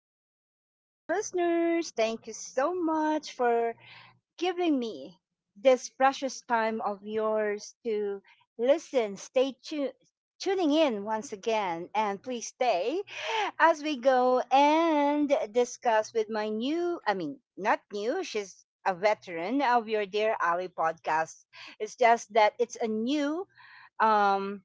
dear Ally listeners. Thank you so much for giving me this precious time of yours to listen. Stay tuned. Tuning in once again, and please stay as we go and discuss with my new, I mean, not new, she's a veteran of your Dear Ali podcast. It's just that it's a new um,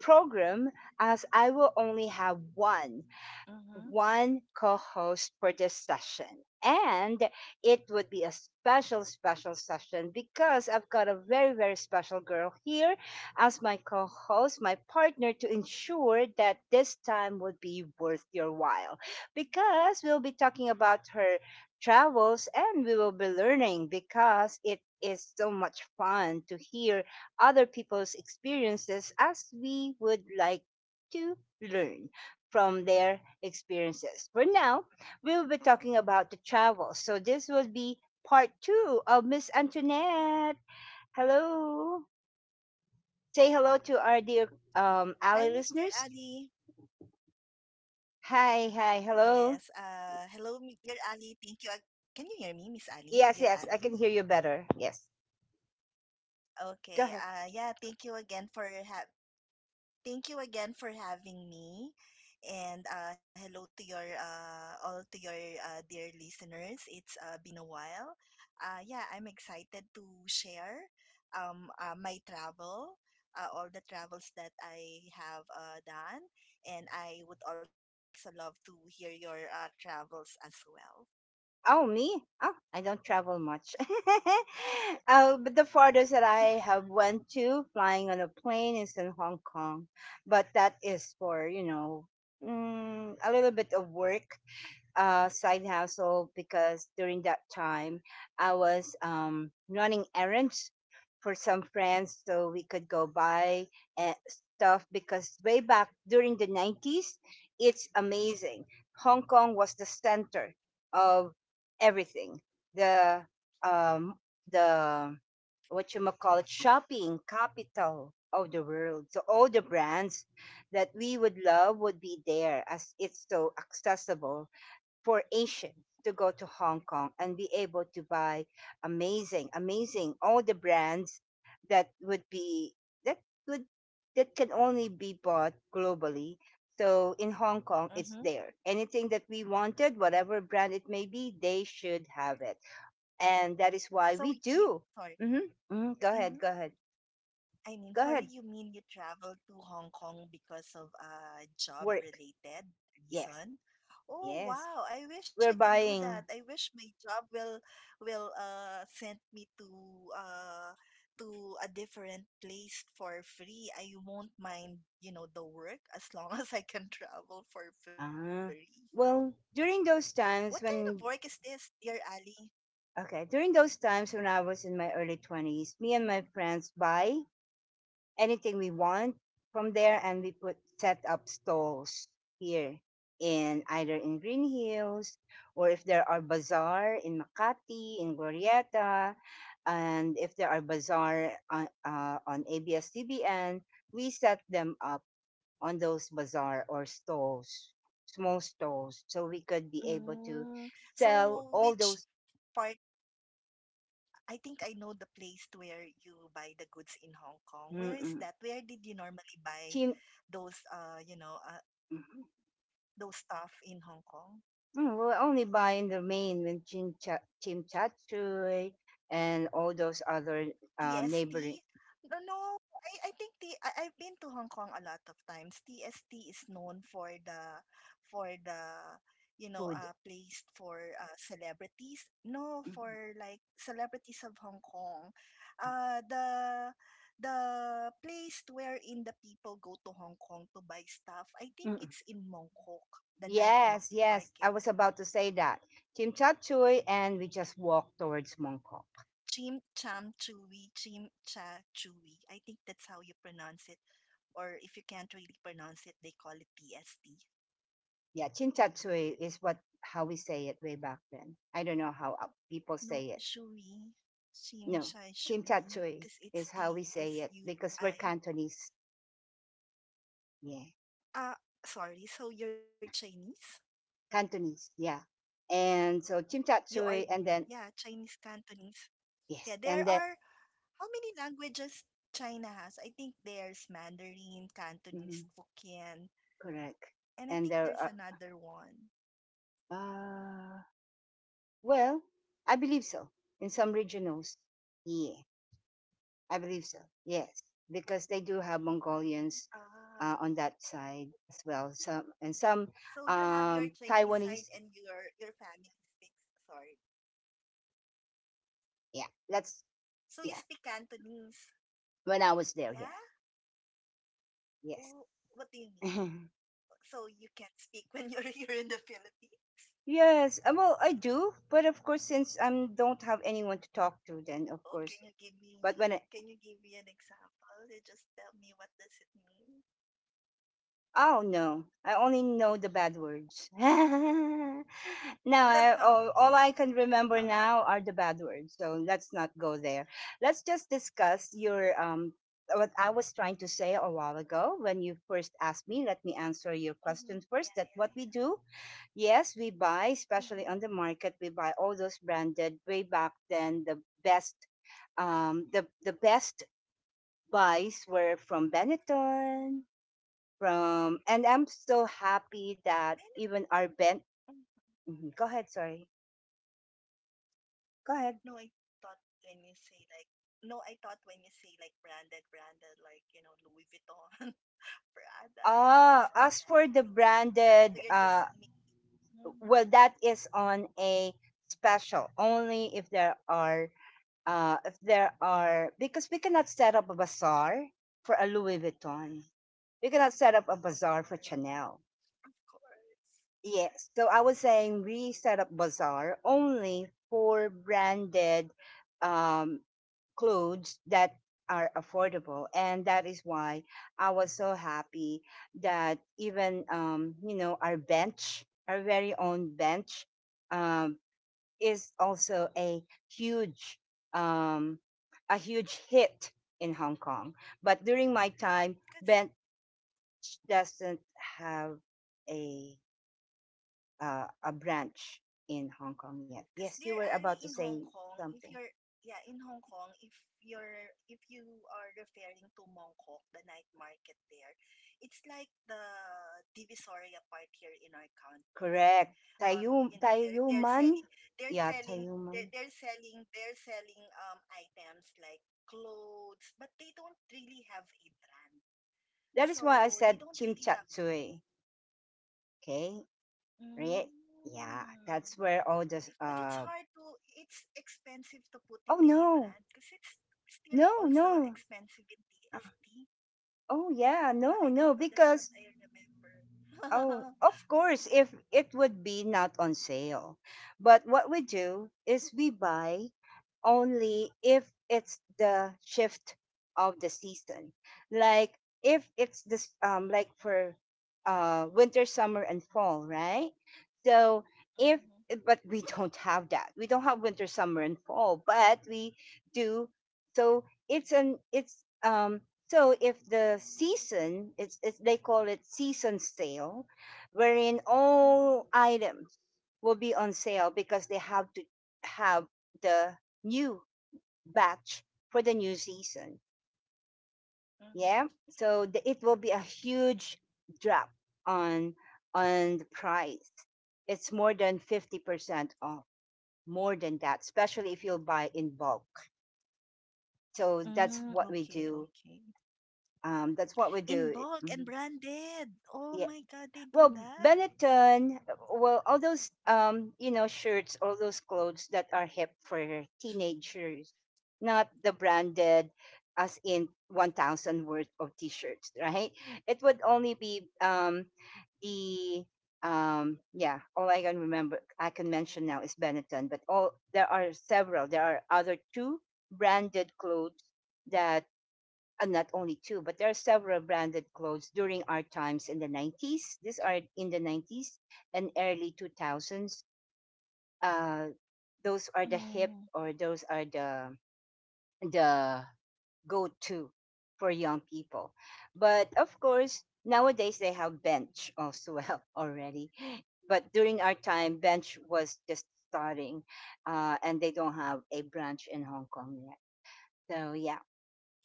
program, as I will only have one Mm-hmm. one co-host for this session. And it would be a special, special session because I've got a very, very special girl here as my co-host, my partner, to ensure that this time would be worth your while because we'll be talking about her travels and we will be learning, because it is so much fun to hear other people's experiences as we would like to learn from their experiences. For now, we will be talking about the travel. So this will be part two of Miss Antoinette. Hello. Say hello to our dear Hi, ally Mr. listeners. Ali. Hi, hi, Yes. hello. Hello, dear Ali. Thank you. Can you hear me, Miss Ali? Yes, Dear yes, I Ali. can hear you better. Yes, go Okay. ahead. Yeah. Thank you again for having me. And hello to your dear listeners. It's been a while. Yeah, I'm excited to share my travel, all the travels that I have done, and I would also love to hear your travels as well. Oh, me? Oh, I don't travel much. But the farthest that I have went to flying on a plane is in Hong Kong. But that is for, a little bit of work, side hustle, because during that time I was running errands for some friends so we could go buy stuff, because way back during the 90s, it's amazing. Hong Kong was the center of everything. The um, the what you call it shopping capital of the world. So all the brands that we would love would be there, as it's so accessible for Asian to go to Hong Kong and be able to buy amazing, amazing all the brands that would be that would that can only be bought globally. So in Hong Kong, it's Mm-hmm. there. Anything that we wanted, whatever brand it may be, they should have it, and that is why we So, y- do. sorry. Go ahead, go Mm-hmm. ahead, go ahead. sorry, you mean you traveled to Hong Kong because of a Work. job-related Yes, reason? yes. Oh, wow. I We're wish I can do buying. that. I wish my job will send me uh to a different place for free. I won't mind, you know, the work as long as I can travel for free. Uh, well, during those What kind times of work when is this, dear Ali? Okay. During those times when I was in my early 20s, me and my friends buy anything we want from there, and we put set up stalls here, in either in Green Hills, or if there are bazaar in Makati, in Glorieta, and if there are bazaar on, ABS-CBN, we set them up on those bazaar or stalls, small stalls, so we could be able to Mm, sell so all which those part I think I know the place where you buy the goods in Hong Kong. Where mm-mm, is that? Where did you normally cheap. buy those, Mhm. those stuff in Hong Kong? We're only buying the main when chimchachoy and all those other TST? neighboring No, no. I think the I, I've been to Hong Kong a lot of times. TST is known for the you know food. Place for celebrities. No, Mhm. for like celebrities of Hong Kong. Uh the the place wherein the people go to Hong Kong to buy stuff. I think Mm. it's in Mongkok, the night Yes, market. yes. I was about to say that. Chimchachoy, and we just walk towards Mongkok. Chim Cham Chewy, Chim Cha Chewy. I think that's how you pronounce it. Or if you can't really pronounce it, they call it TST. Yeah, chimchachoy is what how we say it way back then. I don't know how people No, say it. Shui, Chim No, Chai Shui, chimchachoy because it's is how we say it because we're TSUI. Cantonese. Yeah, Ah, sorry, so you're Chinese? Cantonese. Yeah. And so You are, chimchachoy and yeah, then, Chinese Cantonese. Yeah, yes, there and are, that, how many languages China has? I think there's Mandarin, Cantonese, mhm, Hokkien, correct. and I And think there there's are another one. uh well, I believe so. In some regionals, yeah, I believe so. Yes, because they do have Mongolians Ah. On that side as well. Some and some So you have your um Chinese side Taiwanese. and your family speaks. Sorry. Yeah, that's So you yeah. speak Cantonese, When I was there, yeah? yeah, Oh, yes. what do you mean? So you can't speak when you're here in the Philippines? Yes, well, I do, but of course, since I don't have anyone to talk to, then Oh, of can you course, give me but when I, an example? You just tell me what does it mean? oh no, I only know the bad words. Now, I, all, all I can remember now are the bad words. So let's not go there. Let's just discuss your what I was trying to say a while ago when you first asked hmm me. Let Yeah, me yeah, answer your yeah. question first. That what we do? Mm-hmm. Yes, we buy, especially on the market, we buy all those branded way back then. Best, the best buys were from Benetton, from, and I'm so Then it, happy that even mm, our band. Mhm, go ahead, sorry. no, I Go ahead. thought when you say like No, I thought when you say like branded, branded like you know Louis Vuitton. Prada. That's what Ah, as branded for means the to me. Ah, so you're branded, just me. Mhm. well, that is on a special, only if there are because we cannot set up a bazaar for a Louis Vuitton. We cannot set up a Of bazaar for course, Chanel. of course. Yes. So I was saying we set up bazaar only for branded um clothes that are affordable, and that is why I was so happy that even our very own Bench um is also a huge um hit in Hong Kong. But during my time, Cause, Bench doesn't have a a branch in Hong Kong yet. cause Yes, you dear were Ali about to in Hong say Kong, if something. you're yeah in Hong Kong, if you are referring to Mongkok, the night market there, it's like the Divisoria part here in our country. Correct. You know, Tayuman. they're Yeah, selling Tayuman. They're selling items like clothes, but they don't really have a brand. That is why I So they said don't really have. Chimchatsui. Okay, Mm. right? Yeah, that's where all the, But it's hard to, it's expensive to put it oh, in a no, brand because it's still no, also no. expensive in Uh, TST. oh, yeah, no, I don't no, know. That's what because, I oh, remember. of course, if it would be not on sale. But what we do is we buy only if it's the shift of the season. Like, if it's this, like for winter, summer and fall, right? So, if Mm-hmm, but we don't have that. We don't have winter, summer and fall, but we do, so it's so if the season, it's they call it season sale, wherein mm-hmm, all items will be on sale because they have to have the new batch for the new season. Yeah, so it will be a huge drop on on the price. It's more than 50% off, more than that, especially if you buy in bulk. So mm-hmm. that's Mm, what we okay, do. okay. That's what we In do. Bulk and branded. Oh Yeah. my God, they do Well, that. Benetton, all those shirts, all those clothes that are hip for teenagers, not the branded as in 1000 worth of t-shirts, right? It would only be the yeah, all I can remember I can mention now is Benetton, but all there are several. There are other two branded clothes that, and not only two, but there are several branded clothes during our times in the 90s. These are in the 90s and early 2000s. Uh, those are the hip, Mm, or those are the go-to for young people. But of course, nowadays they have Bench also, well, already. But during our time, Bench was just starting, and they don't have a branch in Hong Kong yet. So, yeah.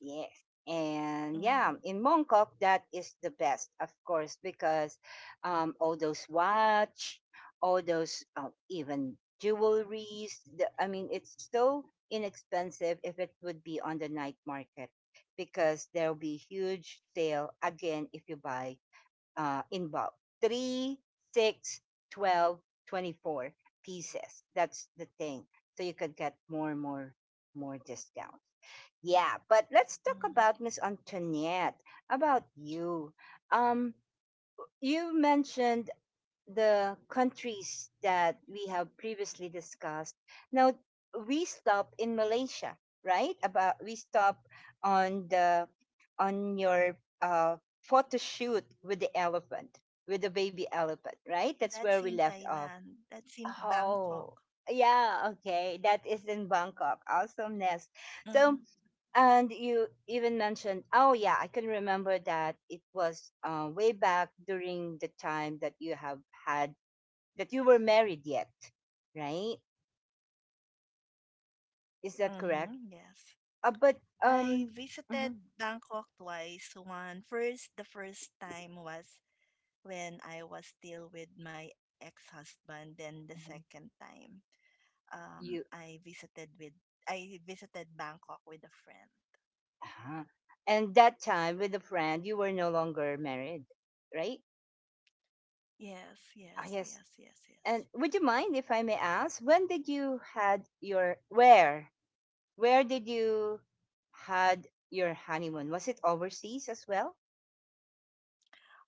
Yes. And yeah, mm, in Mongkok, that is the best, of course, because all those watch, all those even jewelries. I mean, it's so inexpensive if it would be on the night market, because there'll be huge sale again if you buy, involved. Three, six, 12, 24 pieces. That's the thing. So you could get more and more, more discounts. Yeah, but let's talk mm. about Miss Antoinette, about you. Um, you mentioned the countries that we have previously discussed. Now we stop in Malaysia, right? About we stop on the on your, photo shoot with the elephant, with the baby elephant, right? That's That's where we in left off. Thailand. That's in Bangkok. Oh, yeah, okay. That is in Bangkok. Awesomeness. Mm-hmm. So, and you even mentioned, oh yeah, I can remember that it was, way back during the time that you have had that you were married yet, right? Is that correct? Mm-hmm. Yes. But I um, mhm, visited Bangkok twice. The first time was when I was still with my ex-husband. Then the mhm. second time, um, you I visited with I visited Bangkok with a friend. uh and that time with a friend, you were no longer married, right? Yes, Ah, yes, yes. yes, yes, yes. And would you mind if I may ask, when did you had your where did you had your honeymoon? Was it overseas as well?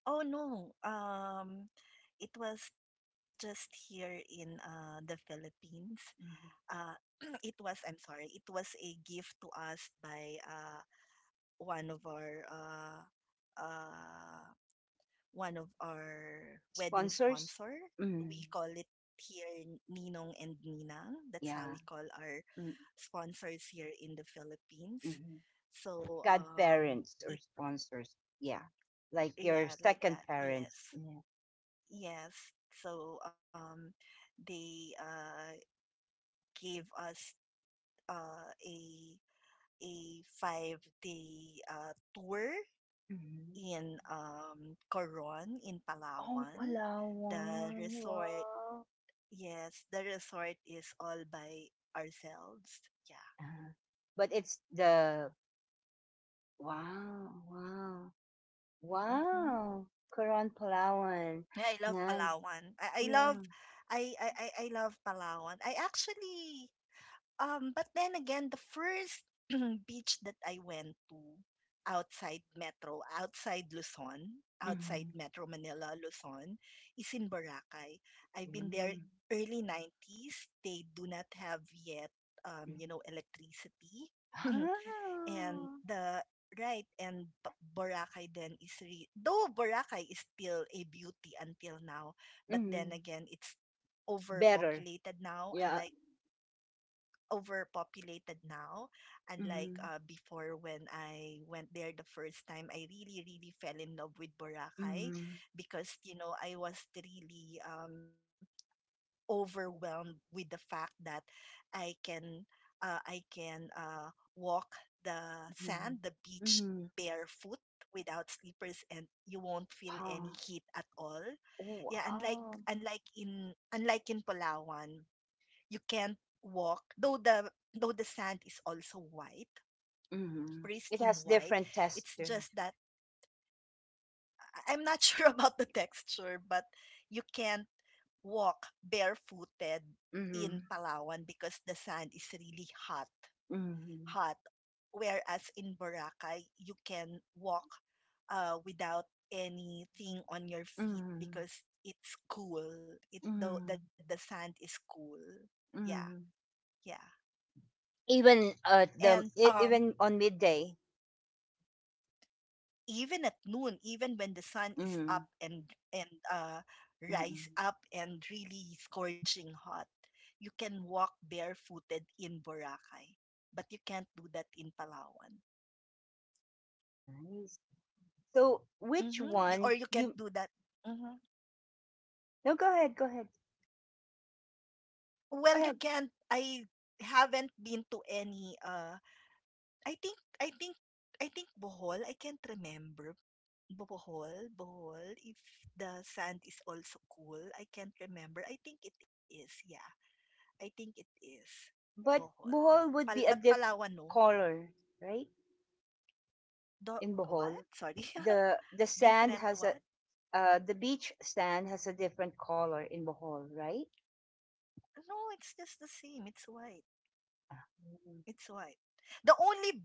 Oh no, it was just here in the Philippines. uh, Mhm. I'm sorry, it was a gift to us by one of our uh, uh, one of our wedding Sponsors? sponsor. We Mm, call it here Ninong and Ninang. That's how we yeah. call our sponsors here in the Philippines. Mm-hmm. So Godparents, or it sponsors. Yeah. Like your yeah like second that. parents. Yes, Yeah. yes. So they gave us uh, a a five tour Mhm. in Coron in Oh, Palawan. Palawan. The resort, Wow. yes, the resort is all by ourselves. Yeah. Uh-huh. But it's the wow, wow, Mm-hmm. wow. Quran Palawan. I love Nice. Palawan. Yeah. I love Palawan. I actually but then again, the first beach that I went to outside outside outside Mhm. Metro Manila, Luzon, is in Boracay. I've been there Mm. early 90s. They do not have yet, you Mhm. know, electricity. and Ah. the right and B- Boracay then is re- though Boracay is still a beauty until now, but then Mm. again, it's Better. overpopulated now, Yeah. unlike overpopulated now. Unlike Mhm. Before when I went there the first time, I really, really fell in love with Boracay Mhm. because, you know, I was really overwhelmed with the fact that I can, I can walk the the Mm-hmm. beach Mm-hmm. barefoot without slippers and you won't feel any Wow. heat at all. Yeah, Wow. Unlike in Palawan you can't walk though the sand is also white, Mm-hmm. It pristine has white. different It's texture. just that I'm not sure about the texture but you can't walk barefooted in Mm-hmm. Palawan because the sand is really Mm-hmm. hot, whereas in Boracay you can walk without anything on your feet Mm-hmm. because it's cool. it Mm-hmm. The sand is cool, yeah. Mm-hmm. Yeah. Even at And the e- even on midday. even at noon, even when the sun is Mm-hmm. up and and uh, Mm-hmm. rise up and really scorching hot, you can walk barefooted in Boracay, but you can't do that in Palawan. Nice. So, which Hmm one Or you you. can't do that. Hmm No, go ahead, go ahead. Go Well, you ahead. can't. I haven't been to any. I think. I think. I think Bohol. I can't remember. Bohol. If the sand is also cool, I can't remember. I think it is. Yeah I think it is But Bohol. Bohol Pal- would be but a diff Palawan, no. color, right? In What? Bohol. Sorry. The sand Different has a, what? The beach sand has a different color in Bohol, right? No, it's just the same. It's white. uh It's white. The only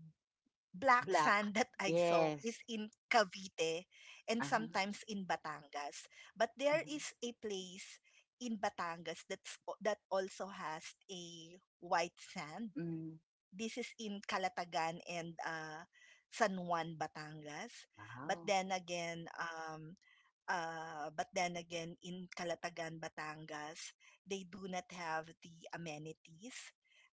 black Black. sand that I saw is Yes. in Cavite and Uh-huh. sometimes in Batangas. But there Uh-huh. is a place in Batangas that's that also has a white sand. Mm. This is in Calatagan and San Juan, Batangas. But Wow. then again, um, but then again, in Calatagan, Batangas, they do not have the amenities.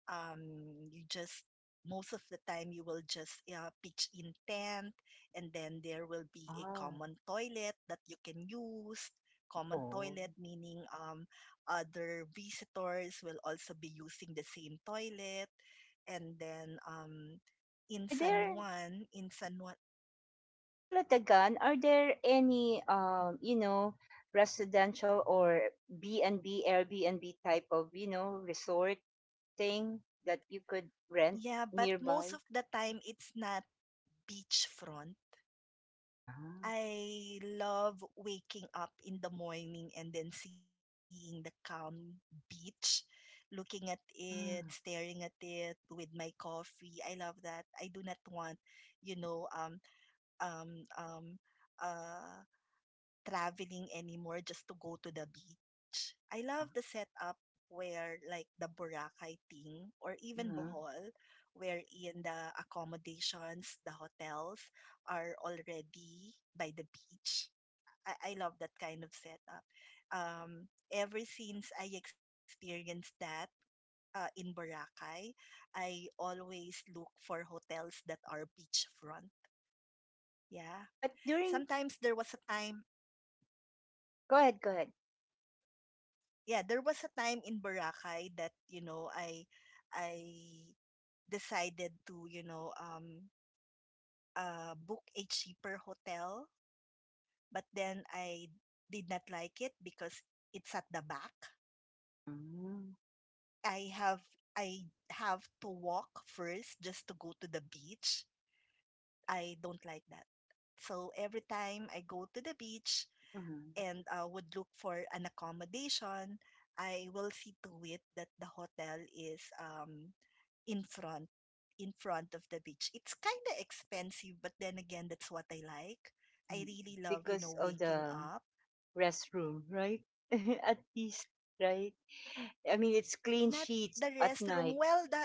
Um, you just most of the time you will just pitch in tent, and then there will be a Oh. common toilet that you can use. Common Oh. toilet meaning other visitors will also be using the same toilet, and then Are there in San Juan, Kalatagan? Are there any residential or B&B, Airbnb type of, resort thing that you could rent yeah, but most nearby? of the time it's not beachfront. Ah. I love waking up in the morning and then seeing the calm beach, looking at it, staring Mm. at it with my coffee. I love that. I do not want, you know, um, um, uh, traveling anymore just to go to the beach. I love the setup where like the Boracay thing or even Mm. Bohol wherein the accommodations, the hotels are already by the beach. I love that kind of setup. Ever since I experienced that in Boracay, I always look for hotels that are beachfront. Yeah. But during, Sometimes there was a time go ahead, go ahead. yeah, there was a time in Boracay that you know I decided to you know book a cheaper hotel, but then I did not like it because it's at the back. Mm-hmm. I have I have to walk first just to go to the beach. I don't like that. So every time I go to the beach, Mm. and would look for an accommodation, I will see to it that the hotel is in front in front of the beach. It's kind of expensive, but then again, that's what I like. Mm. I really love, you Because know, of waking the up. restroom, right? At least, right? I mean, it's clean Not the sheets at restroom. night.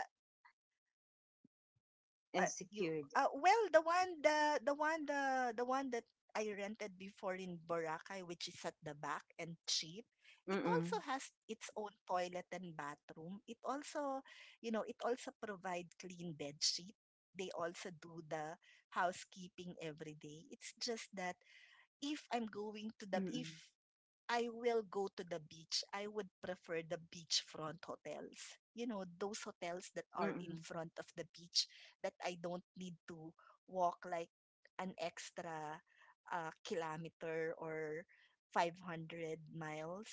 And uh, you secured. Well, the one that I rented before in Boracay, which is at the back and cheap. It Mm-mm. also has its own toilet and bathroom. It also, you know, it also provide clean bed sheet. They also do the housekeeping every day. It's just that if I'm going to the if Mm-mm. I will go to the beach, I would prefer the beachfront hotels. You know, those hotels that are in Mm-mm. front of the beach that I don't need to walk like an extra kilometer or 500 miles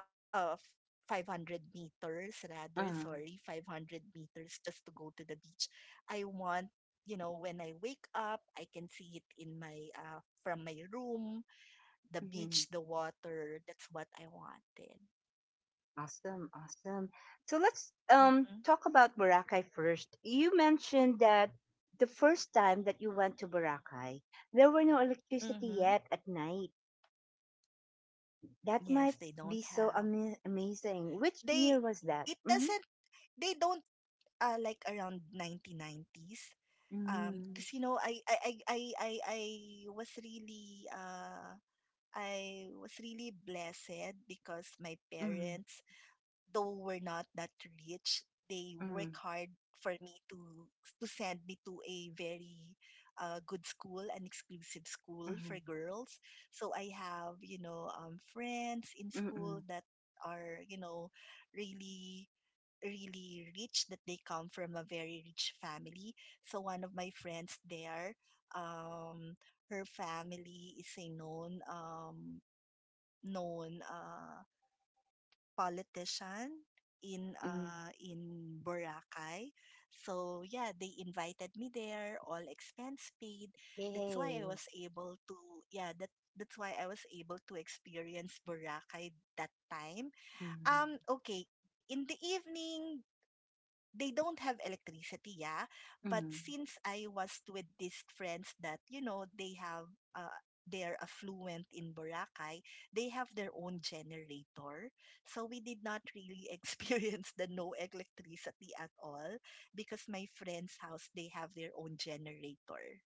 of 500 meters rather sorry Uh, 500 meters just to go to the beach. I want, you know, when I wake up I can see it in my from my room, the beach, mm the water. That's what I wanted. Awesome, awesome. So let's Mm-hmm. Talk about Boracay first. You mentioned that the first time that you went to Boracay, there were no electricity Mm-hmm. yet at night. That Yes, they might don't be so have. Amazing. Which They year was that? it Mm-hmm. doesn't they don't like around 1990s. 'Cause you know was really uh I was really blessed because my Mm-hmm. parents though we're not that rich, they Mm-hmm. work hard for me to send me to a very good school, an exclusive school Mm-hmm. for girls. So I have, you know, friends in Mm-hmm. school that are, you know, really really rich that they come from a very rich family. So one of my friends there, um, her family is a known known politician Mm-hmm. Mm-hmm. in Boracay. So yeah, they invited me there, all expense paid. That's why I Yay. was able to yeah, that that's why I was able to experience Boracay that time. Mm-hmm. Okay, in the evening they don't have electricity, yeah. But Mm-hmm. since I was with these friends that, you know, they have, uh, they're affluent in Boracay, they have their own generator. So we did not really experience the no electricity at all because my friend's house, they have their own generator.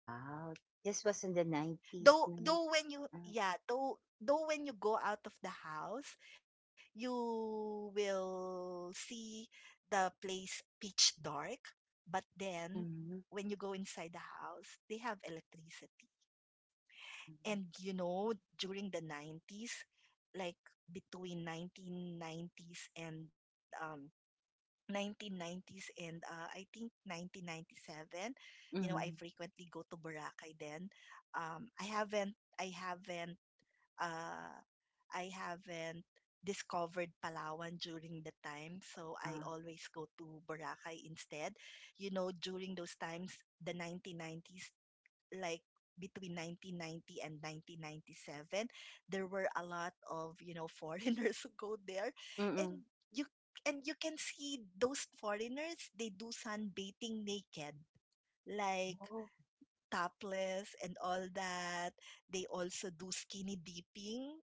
Wow, this was in the 90s, Though guys. though when you Uh, though when you go out of the house, you will see the place pitch dark, but then when mm-hmm. you go inside the house, they have electricity. And Mm-hmm. you know, during the 90s, like between 1990s and 1990s and I think 1997, you know, I Mm-hmm, frequently go to Boracay then. I haven't uh, I haven't discovered Palawan during the time, so I Uh, always go to Boracay instead. You know, during those times, the 1990s, like between 1990 and 1997, there were a lot of, you know, foreigners who go there, mm-hmm. and you and you can see those foreigners, they do sunbathing naked, like Oh, topless and all that. They also do skinny dipping,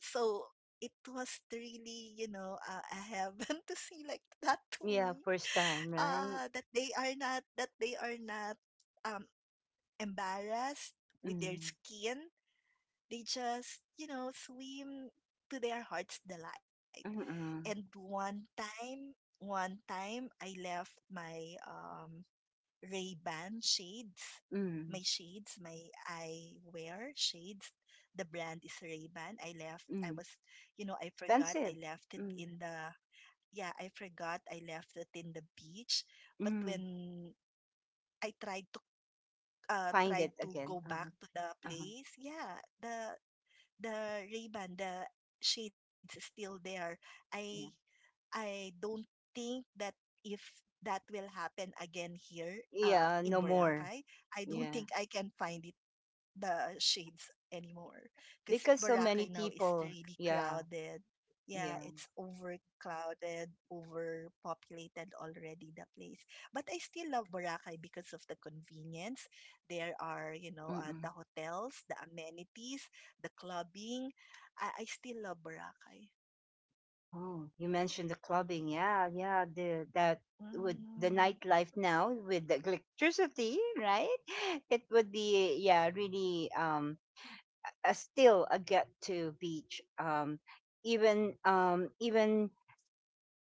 so it was really, a heaven to see like that to yeah, me. first time, right? That they are not um embarrassed with their Mm-hmm. skin. They just, you know, swim to their heart's delight. And Mm-hmm. One time I left my Ray-Ban shades. Mm-hmm. My shades, may eyewear shades. The brand is Ray-Ban. I left, Mm-hmm. I was, you know, I forgot Expensive. I left it Mm-hmm. in the, yeah, I forgot I left it in the beach. But Mm-hmm. when I tried to, Find it tried to again. go back Uh-huh. to the Uh-huh. place, yeah, the Ray-Ban, the shades is still there. I Yeah. I don't think that if that will happen again here Yeah, in no more. Boracay, I don't Yeah. think I can find it the shades anymore because Because so many Boracay now is people. really Yeah. crowded. Yeah, Yeah. it's overcrowded, overpopulated already the place. But I still love Boracay because of the convenience. There are, Mm-mm. the hotels, the amenities, the clubbing. I still love Boracay. Oh, you mentioned the clubbing. Yeah, yeah, the that would the Mm-hmm, nightlife now with the electricity, right? It would be yeah, really a, still a get to beach even even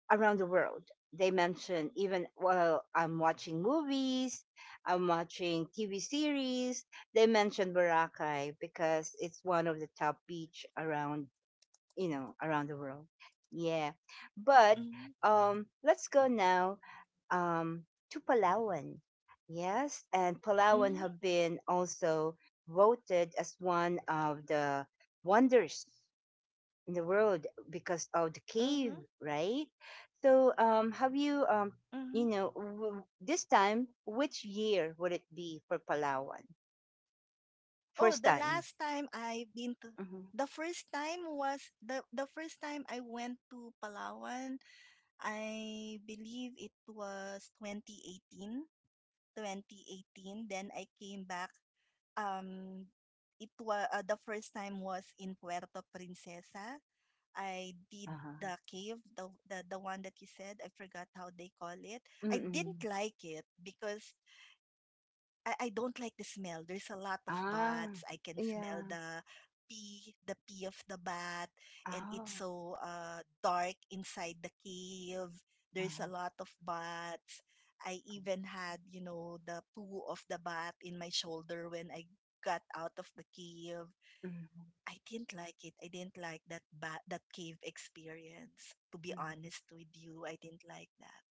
around the world. They mention even while I'm watching movies, I'm watching TV series. They mention Boracay because it's one of the top beach around around the world. Yeah. But mm-hmm, let's go now um, to Palawan. Yes. And Palawan mm-hmm, have been also voted as one of the wonders in the world because of the mm-hmm. cave, right? So have you, Mm-hmm. This time, which year would it be for Palawan? Oh, First the time. last time I've been to Mm-hmm. The first time I went to Palawan, I believe it was 2018, 2018. Then I came back. Um it was the first time was in Puerto Princesa. I did Uh-huh. the cave, the one that you said. I forgot how they call it. I didn't Mm-mm. like it because I don't like the smell. There's a lot of Ah, bats. I can smell yeah. The pee of the bat, and it's Oh. so dark inside the cave. There's a Mhm, lot of bats. I even had, you know, the poo of the bat in my shoulder when I got out of the cave. mhm, I didn't like it. I didn't like that bat, that cave experience. To be mhm, honest with you, I didn't like that.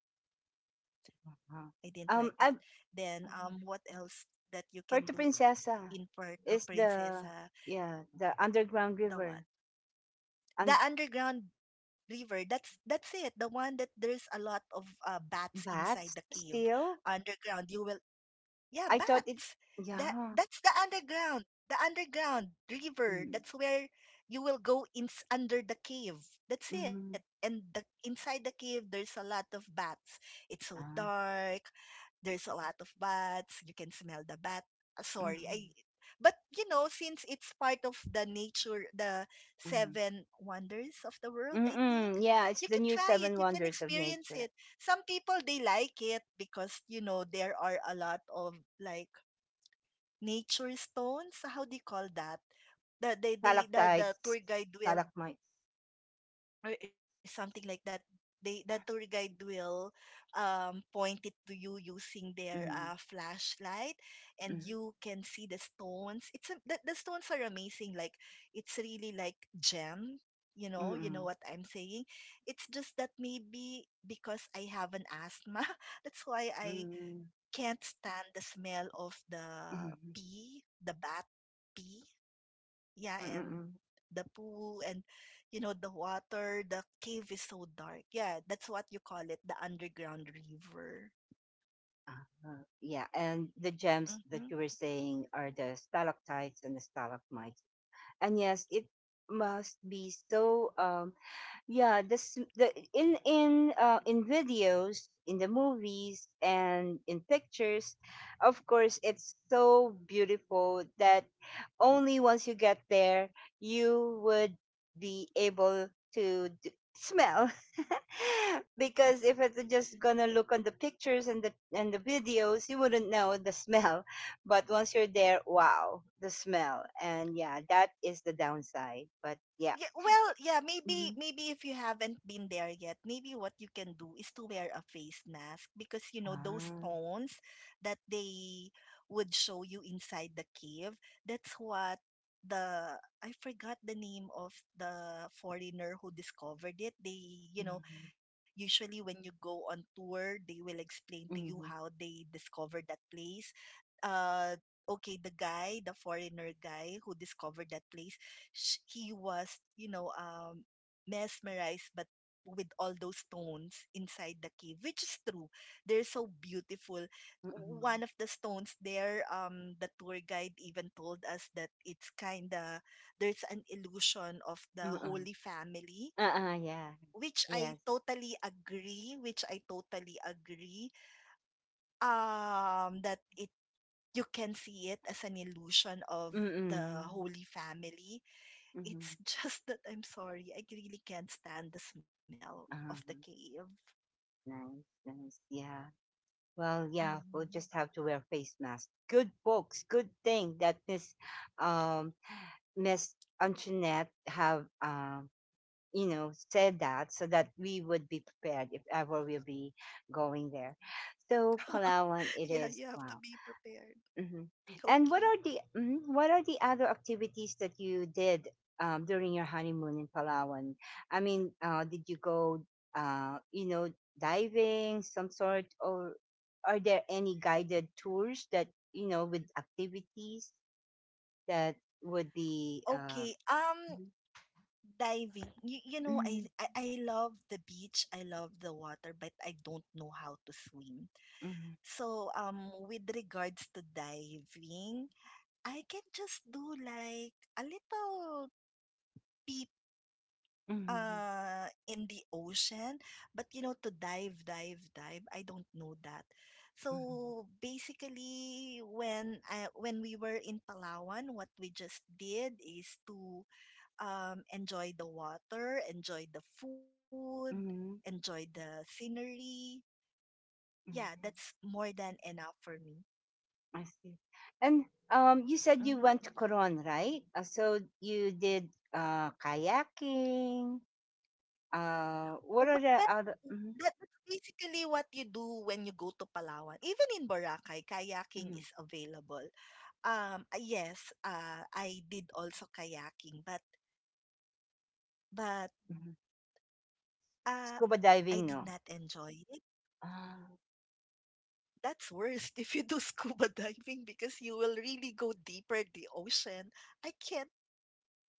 aha. I didn't Um, like that. I've, Then what else that you can Puerto do Princesa in Puerto is the Princesa, yeah the underground the what? river The and underground river. That's it. The one that there's a lot of bats inside the cave. that's still Underground, you will yeah, I bats. thought it That's Yeah. The underground river. That's mm, where you will go in under the cave. That's it. mm, And the, inside the cave, there's a lot of bats. It's so ah, dark. There's a lot of bats. You can smell the bat. Sorry, mm, I. But you know, since it's part of the nature, the mm, seven wonders of the world, I mm, think yeah it's you the can new try it. seven You can wonders of experience nature. it. Some people they like it because you know there are a lot of like nature stones, how do you call that? The Stalactites, tour guide will, stalagmites. or something like that, the tour guide will point it to you using their Mm, flashlight, and mm, you can see the stones. The stones are amazing, like it's really like gem. You mm, know, you know mm, what I'm saying. It's just that maybe because I have an asthma that's why I mm, can't stand the smell of the mm, mm, pee, the bat pee. mm, Yeah, and mm, the poo, and you know, the water, the cave is so dark. Yeah, that's what you call it, the underground river. Yeah, and the gems that Mhm. you were saying are the stalactites and the stalagmites. And yes, it must be so. Yeah, this the in videos, in the movies, and in pictures, of course, it's so beautiful that only once you get there, you would be able to smell. Because if it's just gonna look on the pictures and the videos, you wouldn't know the smell. But once you're there, wow, the smell. And yeah, that is the downside. But yeah. Yeah, well, yeah, maybe if you haven't been there yet, maybe what you can do is to wear a face mask because you know those Hmm. tones that they would show you inside the cave. That's what the I forgot the name of the foreigner who discovered it. They, you Mhm, know, usually when you go on tour, they will explain to you mhm, how they discovered that place. uh okay, the foreigner guy who discovered that place, sh- he was, mesmerized but with all those stones inside the cave, which is true, they're so beautiful. mm, One of the stones there, the tour guide even told us that it's kind of there's an illusion of the mm. Holy Family, Oo, yeah. which I Yes. totally agree, which I totally agree, that it you can see it as an illusion of the Mm, Holy Family. It's mhm. just that I'm sorry, I really can't stand the smell of the Uh-huh. cave. Nice, nice. Yeah. Well, yeah, Mhm. we'll just have to wear face masks. Good folks. Good thing that Miss um Miss Antoinette have said that so that we would be prepared if ever we'll be going there. So Yeah, you Palawan have it to be is. Wow. prepared. Hmm. Okay. And what are what are the other activities that you did during your honeymoon in Palawan? I mean, did you go, uh, you know, diving, some sort, or are there any guided tours that you know with activities that would be? Okay. Diving. You know, Mm-hmm, I love the beach. I love the water, but I don't know how to swim. So, with regards to diving, I can just do like a little pee mm-hmm, mm-hmm, in the ocean, but you know, to dive, I don't know that. So basically when when we were in Palawan, what we just did is to enjoy the water, enjoy the food, hmm. enjoy the scenery. Yeah, that's more than enough for me. I see. And you said you went Mm-hmm. to Coron, right? So you did kayaking. What are Well, the other? Mhm, that's basically what you do when you go to Palawan. Even in Boracay, kayaking mhm, is available. Yes, I did also kayaking, but but mhm. Scuba I did diving, not no. enjoy it. Uh, That's worse if you do scuba diving because you will really go deeper the ocean. I can't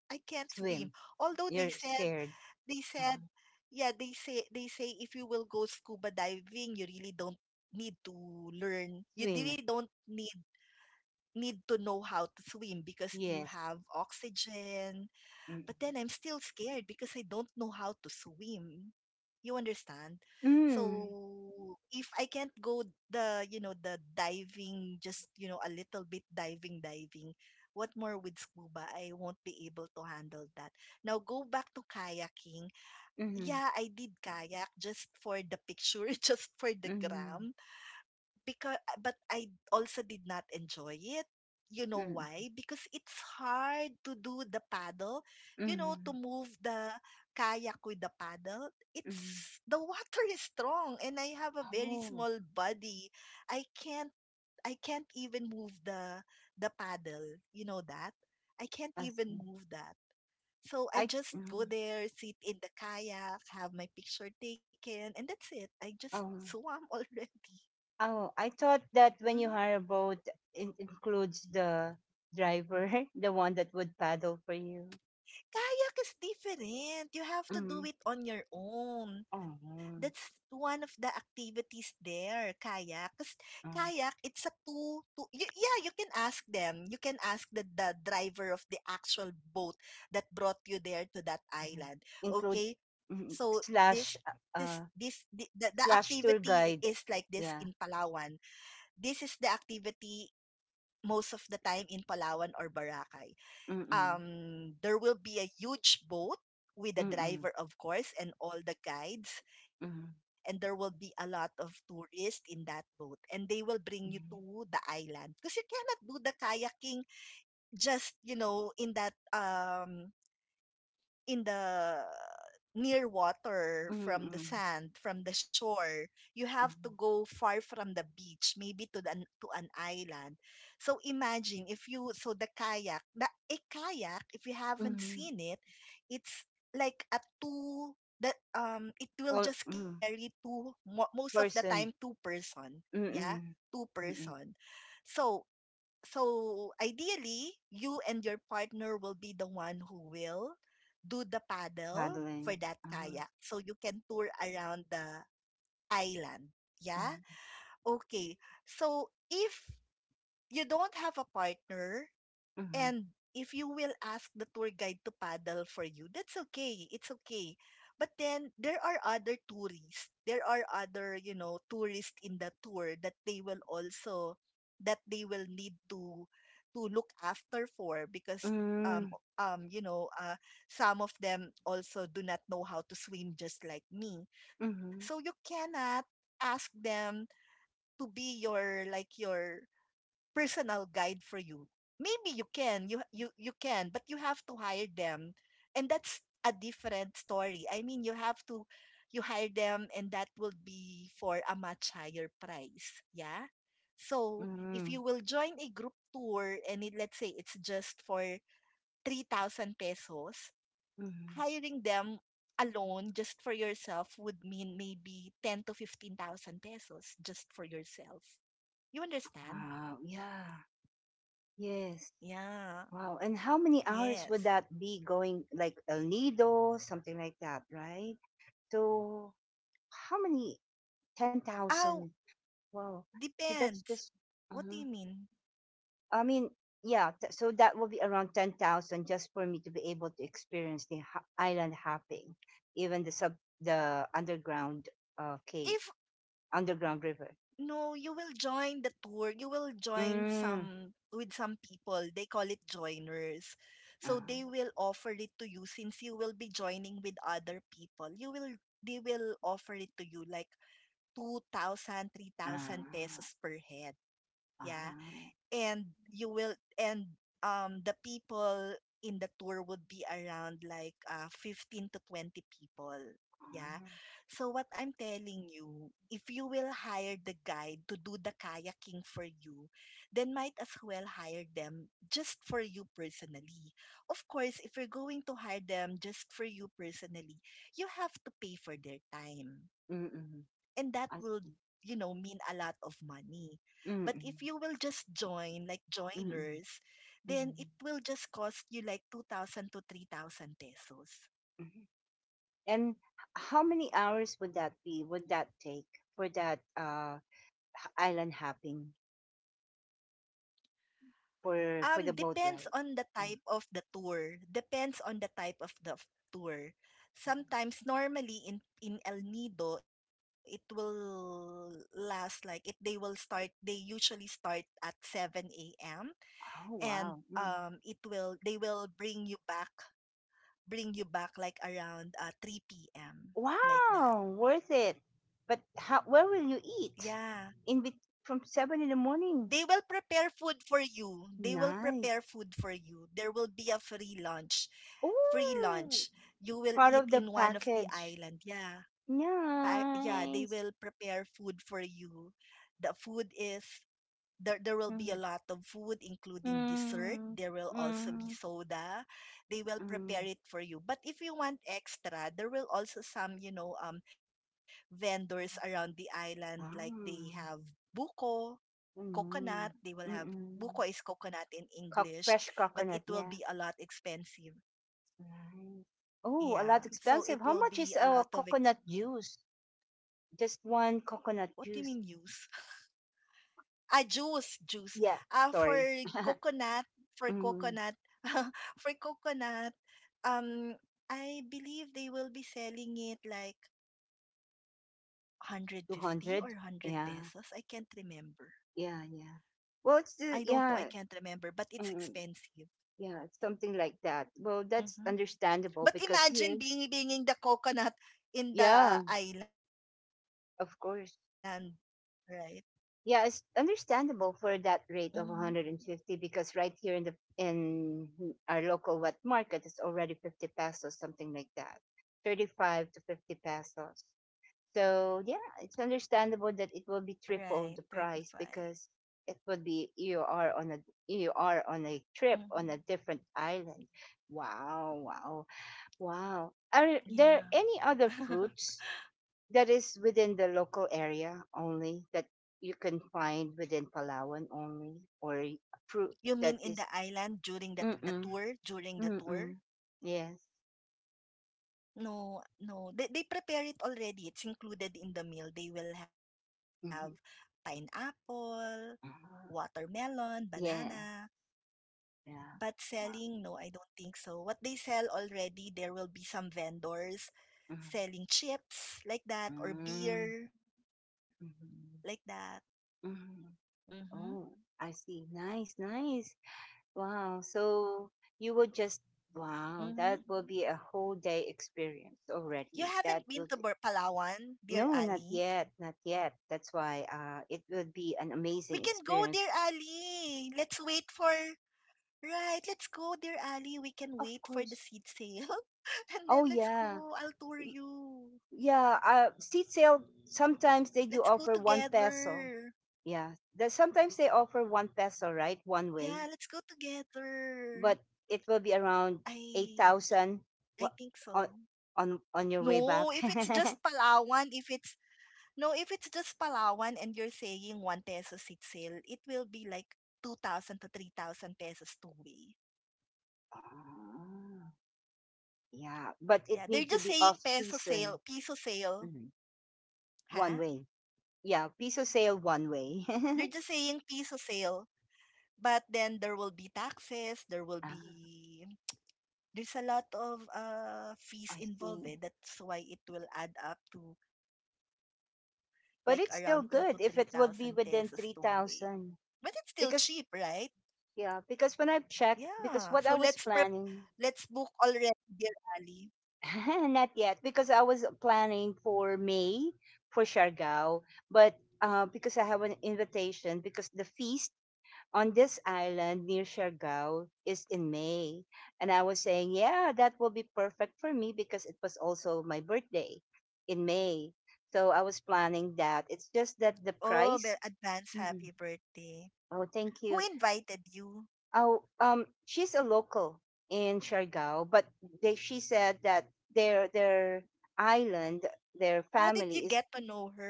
I can't swim. swim. Although they You're said scared. they Uh, said yeah, they say if you will go scuba diving, you really don't need to learn. You swim. really don't need to know how to swim because you Yes. have oxygen. Mm. But then I'm still scared because I don't know how to swim. You understand? Mm. So if I can't go you know, the diving, just, you know, a little bit diving, what more with scuba? I won't be able to handle that. Now go back to kayaking. Mm. Yeah, I did kayak just for the picture, just for the Mm. gram, because but I also did not enjoy it. You know Mm. why? Because it's hard to do the paddle, you know, to Mm. move the kayak with the paddle. It's Mm. the water is strong and I have a very Oh, small body. I can't I can't even move the paddle. You know that? I can't I even see. move that. So I I. just go Mm. there, sit in the kayak, have my picture taken, and that's it. I just Oh. swam already. Oh, I thought that when you Mm-hmm. hire a boat, it includes the driver, the one that would paddle for you. Kayak is different. You have to do Mm. it on your own. That's Oh, one of the activities there, kayak. 'Cause kayak, oh, it's a yeah, you can ask them. You can ask the driver of the actual boat that brought you there to that mhm. island. Include Okay? mhm, So, this is slash this uh, the, the slash activity tour is like guide. this in Yeah. Palawan. This is the activity most of the time in Palawan or Boracay. Mm-mm. There will be a huge boat with a Mm-mm. driver, of course, and all the guides, Mm-mm. and there will be a lot of tourists in that boat, and they will bring you to the island because you cannot do the kayaking just you know in that in the near water, from the Mm-mm. sand, from the shore. You have to go far from the beach, maybe to the, to an island. So imagine if you the kayak, the a kayak, if you haven't Mm-mm. seen it, it's like a two that it will All just mm. carry two most of the time Person. two person. Yeah, Mm-mm. two Mm-mm. person. So so ideally you and your partner will be the one who will do the paddle for Paddling. that Uh-huh. kayak so you can tour around the island, yeah. Mm-mm. Okay, so if you don't have a partner, Mm-hmm. and if you will ask the tour guide to paddle for you, that's okay. It's okay. But then there are other tourists. There are other, tourists in the tour that they will also that they will need to look after for because um um you know uh some of them also do not know how to swim just like me. So you Mm-hmm. cannot ask them to be your like your personal guide for you. Maybe you can, you can, but you have to hire them, and that's a different story. I mean, you have to you hire them, and that will be for a much higher price. Yeah. So if you will join a group tour, and it, let's say it's just for 3,000 pesos, Mm-hmm. hiring them alone just for yourself would mean maybe 10 to 15,000 pesos just for yourself. You understand? Wow. Yeah. Yes. Yeah. Wow. And how many hours would Yes. that be going like El Nido, something like that, right? So how many? Oh, 10,000. Wow. So depends. that's just, What do you uh mean? I mean, yeah. So that will be around 10,000 just for me to be able to experience the island hopping, even the sub, the underground cave, If underground river. No, you will join the tour. You will join Mm. some with some people. They call it joiners. Uh, So they will offer it to you since you will be joining with other people. You will They will offer it to you like 2,000, 3,000 uh, pesos per head. uh, Yeah. uh, and you will and the people in the tour would be around like 15 to 20 people, yeah. So what I'm telling you, if you will hire the guide to do the kayaking for you, then might as well hire them just for you personally. Of course, if you're going to hire them just for you personally, you have to pay for their time, and mm-mm. that will, I see. mean a lot of money. But if you will Mm-mm. just join, like joiners, Mm-mm. then it will Mm-mm. just cost you like 2,000 to 3,000 pesos. Mhm. And how many hours would that be? Would that take for that island hopping for the boat Depends ride? on the Mm, type of the tour. Depends on the type of the tour. mhm. Sometimes, normally in El Nido, it will last like it. They will start. They usually start at seven a.m. Oh and wow. Mm. it will they will bring you back, like around three p.m., like that. Wow, worth it. But how where will you eat? Yeah. In bet from 7 in the morning. They will prepare food for you. Nice. There will be a free lunch. Free Oh, lunch. You will part eat of the in one of the package. island. Yeah. Yeah, they Nice. will prepare food for you. The food is There will be Mm. a lot of food, including dessert. Mm. There will also be Mm. soda. They will prepare Mm. it for you. But if you want extra, there will also some, vendors around the island. Like they have Ah, buko coconut, they will mm, have buko is mm. coconut in English, Coc fresh but it will coconut, be a yeah. lot expensive. Nice. Oh, a Yeah. lot So expensive. it How will much is be a lot of ex- coconut juice? Just one coconut What do you juice. mean use? Ah, juice, juice. Yeah, Ah, for sorry. coconut, for Mm, coconut, for coconut, um, I believe they will be selling it like 150 or 100 200. pesos. I can't Yeah, remember. yeah, yeah. I Well, it's don't know. I can't yeah, remember, but it's mm, expensive. yeah, it's something like that. Well, that's Mhm. But understandable because imagine here, being being the coconut in the yeah, island, right? of course. Yeah, it's Mm-hmm. understandable for that rate of 150 because right here in the in our local wet market it's already 50 pesos, something like that. 35 to 50 pesos. So, yeah, it's Right, understandable that it will be 35. triple the price because it would be you are on a you Mm-hmm. are on a trip on a different island. Wow, wow, wow. Yeah. Are there any other fruits that is within the local area only that you can find within Palawan only You or mean in the fruit island that during is the tour, during the mm-mm, tour? mm-mm, yes No, no. They prepare it already. It's included in the meal. They will have mm-hmm, pineapple, watermelon, mm-hmm, banana. yes But selling, no, I yeah don't think so. What they sell already, there will be some vendors selling chips mm-hmm. like that or beer like that. Mm-hmm. Mm-hmm. Mm-hmm. Oh, I see. Nice, nice. Wow, so you Mm-hmm. would just wow that will be a whole You day haven't been to experience already that Palawan, would dear Ali? No, not yet, not yet. That's why it We can would go, be an dear amazing Ali. experience. Let's wait for Right. Let's go, dear Ali. We can wait for the seed Of sale, course. and then let's go. Oh I'll tour yeah, Y- you. yeah. Seat sale. Let's go Sometimes they do offer one together. peso. Yeah, that sometimes they offer one peso, right, Yeah, one let's go way. together. But it will be around I 8,000 I wa- think so. on on your way No, back. if it's just Palawan, if it's no, if it's just Palawan, and you're saying 1 peso seat sale, it will be like 2,000 to 3,000 pesos two way. Ah, yeah, but it Yeah, they're need to just be saying off peso sale, season. piso sale, Mhm. huh? One way. Yeah, piso sale one way. They're just saying piso sale, but then there will be taxes, there will be there's a lot of fees I involved. see. Eh. That's why it will add up to like around 2 to But it's 3,000 still pesos two good if it way. would be But within it's still cheap, 3,000. right? Because, yeah, Yeah. Because when I've checked, because what Let's I book was already, planning, dear Ali. not yet, because I was planning for May for Siargao, but because I have an invitation, because the feast on this island near Siargao is in May. And I was saying, yeah, that will be perfect for me because it was also my birthday in May. So I was planning that. It's Oh, just that the advance price. happy Mm-hmm. birthday. Who Oh, thank invited you. you? Oh, she's a local in Siargao, but they she said that their island, How their did you get to family is know her?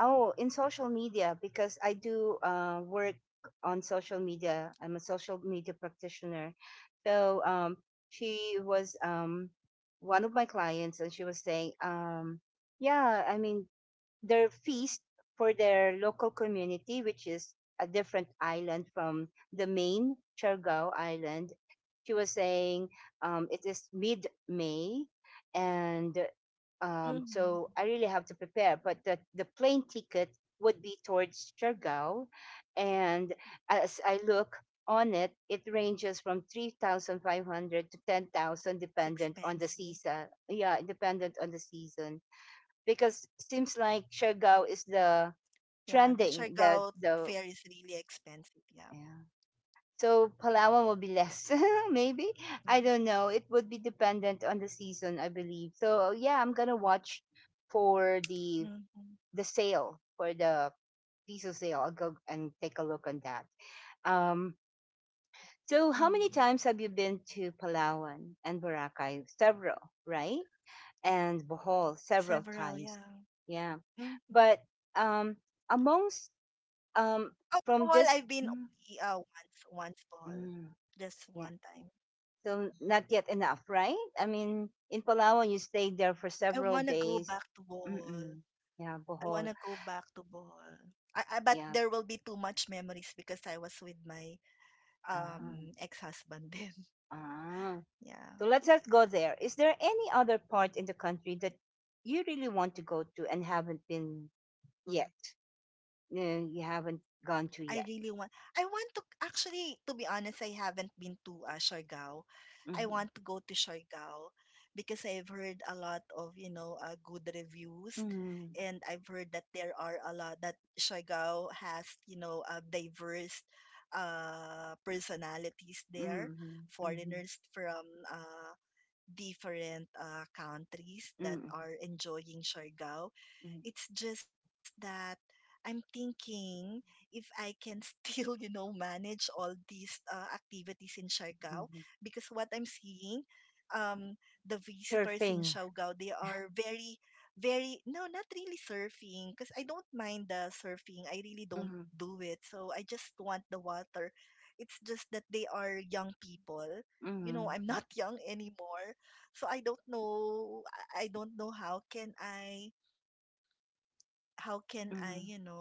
oh in social media because I do work on social media. I'm a social media practitioner, so she was one of my clients, and she was saying. Yeah, I mean, their feast for their local community, which is a different island from the main Chargao Island. She was saying it is mid May, and Mm-hmm. so I really have to prepare. But the plane ticket would be towards Chargao, and as I look on it, it ranges from It's 3,500 to expensive. 10,000 dependent on the season. Yeah, dependent on the season because seems like Siargao is Yeah, the the Siargao fare trending is really the expensive. Yeah. Yeah. So Palawan will be less, Yeah. maybe. I don't know. It would be dependent on the season, I believe. So yeah, I'm gonna watch for Mm-hmm. the sale for the diesel sale. I'll go and take a look on that. Um, so Mm-hmm. how many times have you been to Palawan and Boracay? Several, right? And Bohol, several Several, yeah. times. Yeah. Mm-hmm. But um, amongst um, from Alcohol, this, I've been mm, only once, once ball. mm, Just yeah, one time. so not yet enough, right? I mean, in Palawan, you stayed there for several I wanna days. go back to Mm-mm. ball. Yeah, I Bohol. wanna go back to Bohol. I But Yeah. there will be too much memories because I was with my Uh-huh. Ex-husband then. Ah. Yeah. So let's just go there. Is there any other part in the country that you really want to go to and haven't been yet? You haven't gone to I yet. really want I want to, actually, to be honest, I haven't been to Siargao. I Mm-hmm. want to go to Siargao because I've heard a lot of, good reviews, Mm-hmm. and I've heard that there are a lot that Siargao has, diverse personalities there, Mm-hmm. Mm-hmm. foreigners from uh different countries that Mm-hmm. are enjoying Siargao. Mm-hmm. It's just that I'm thinking if I can still, you know, manage all these activities in Siargao, Mm-hmm. because what I'm seeing, um, the visitors in Surfing. Siargao, they are very, very, no, not really surfing, because I don't mind the surfing. I really don't Mm-hmm. do it. So I just want the water. It's just that they are young people. You know, Mhm, I'm not young anymore. So I don't know. I don't know how can I, you know, mhm,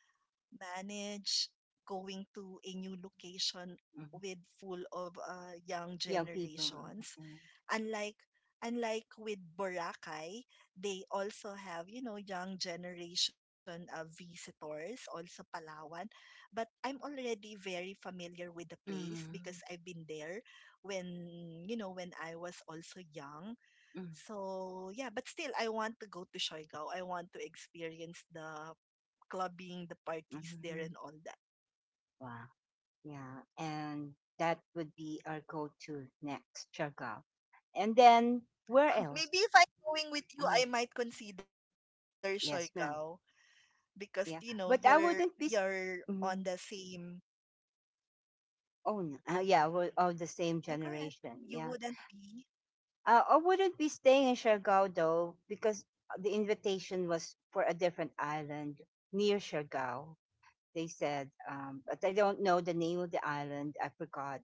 manage going to a new location with mhm. full of young Young people. generations? Yeah. Unlike Unlike with Boracay, they also have, you know, young generation visitors, also Palawan. But I'm already very familiar with the place because Mhm, I've been there when, you know, when I was also young. mhm, So yeah, but still, I want to go to Siargao. I want to experience the clubbing, the parties there, mhm. and all that. Wow. Yeah. And that would be our go-to next, Chagall. And then where else? Maybe if I'm going with you, Uh, I might consider Siargao, yes, ma'am. because you know Yeah. But I you're wouldn't on be. the same. Mhm. Oh, no. Yeah. Yeah, We're go all the ahead. same You wouldn't generation. be. Yeah. I wouldn't be staying in Siargao though, because the invitation was for a different island near Siargao. They said, but I don't know So the it's name of not the island. Siargao. I forgot.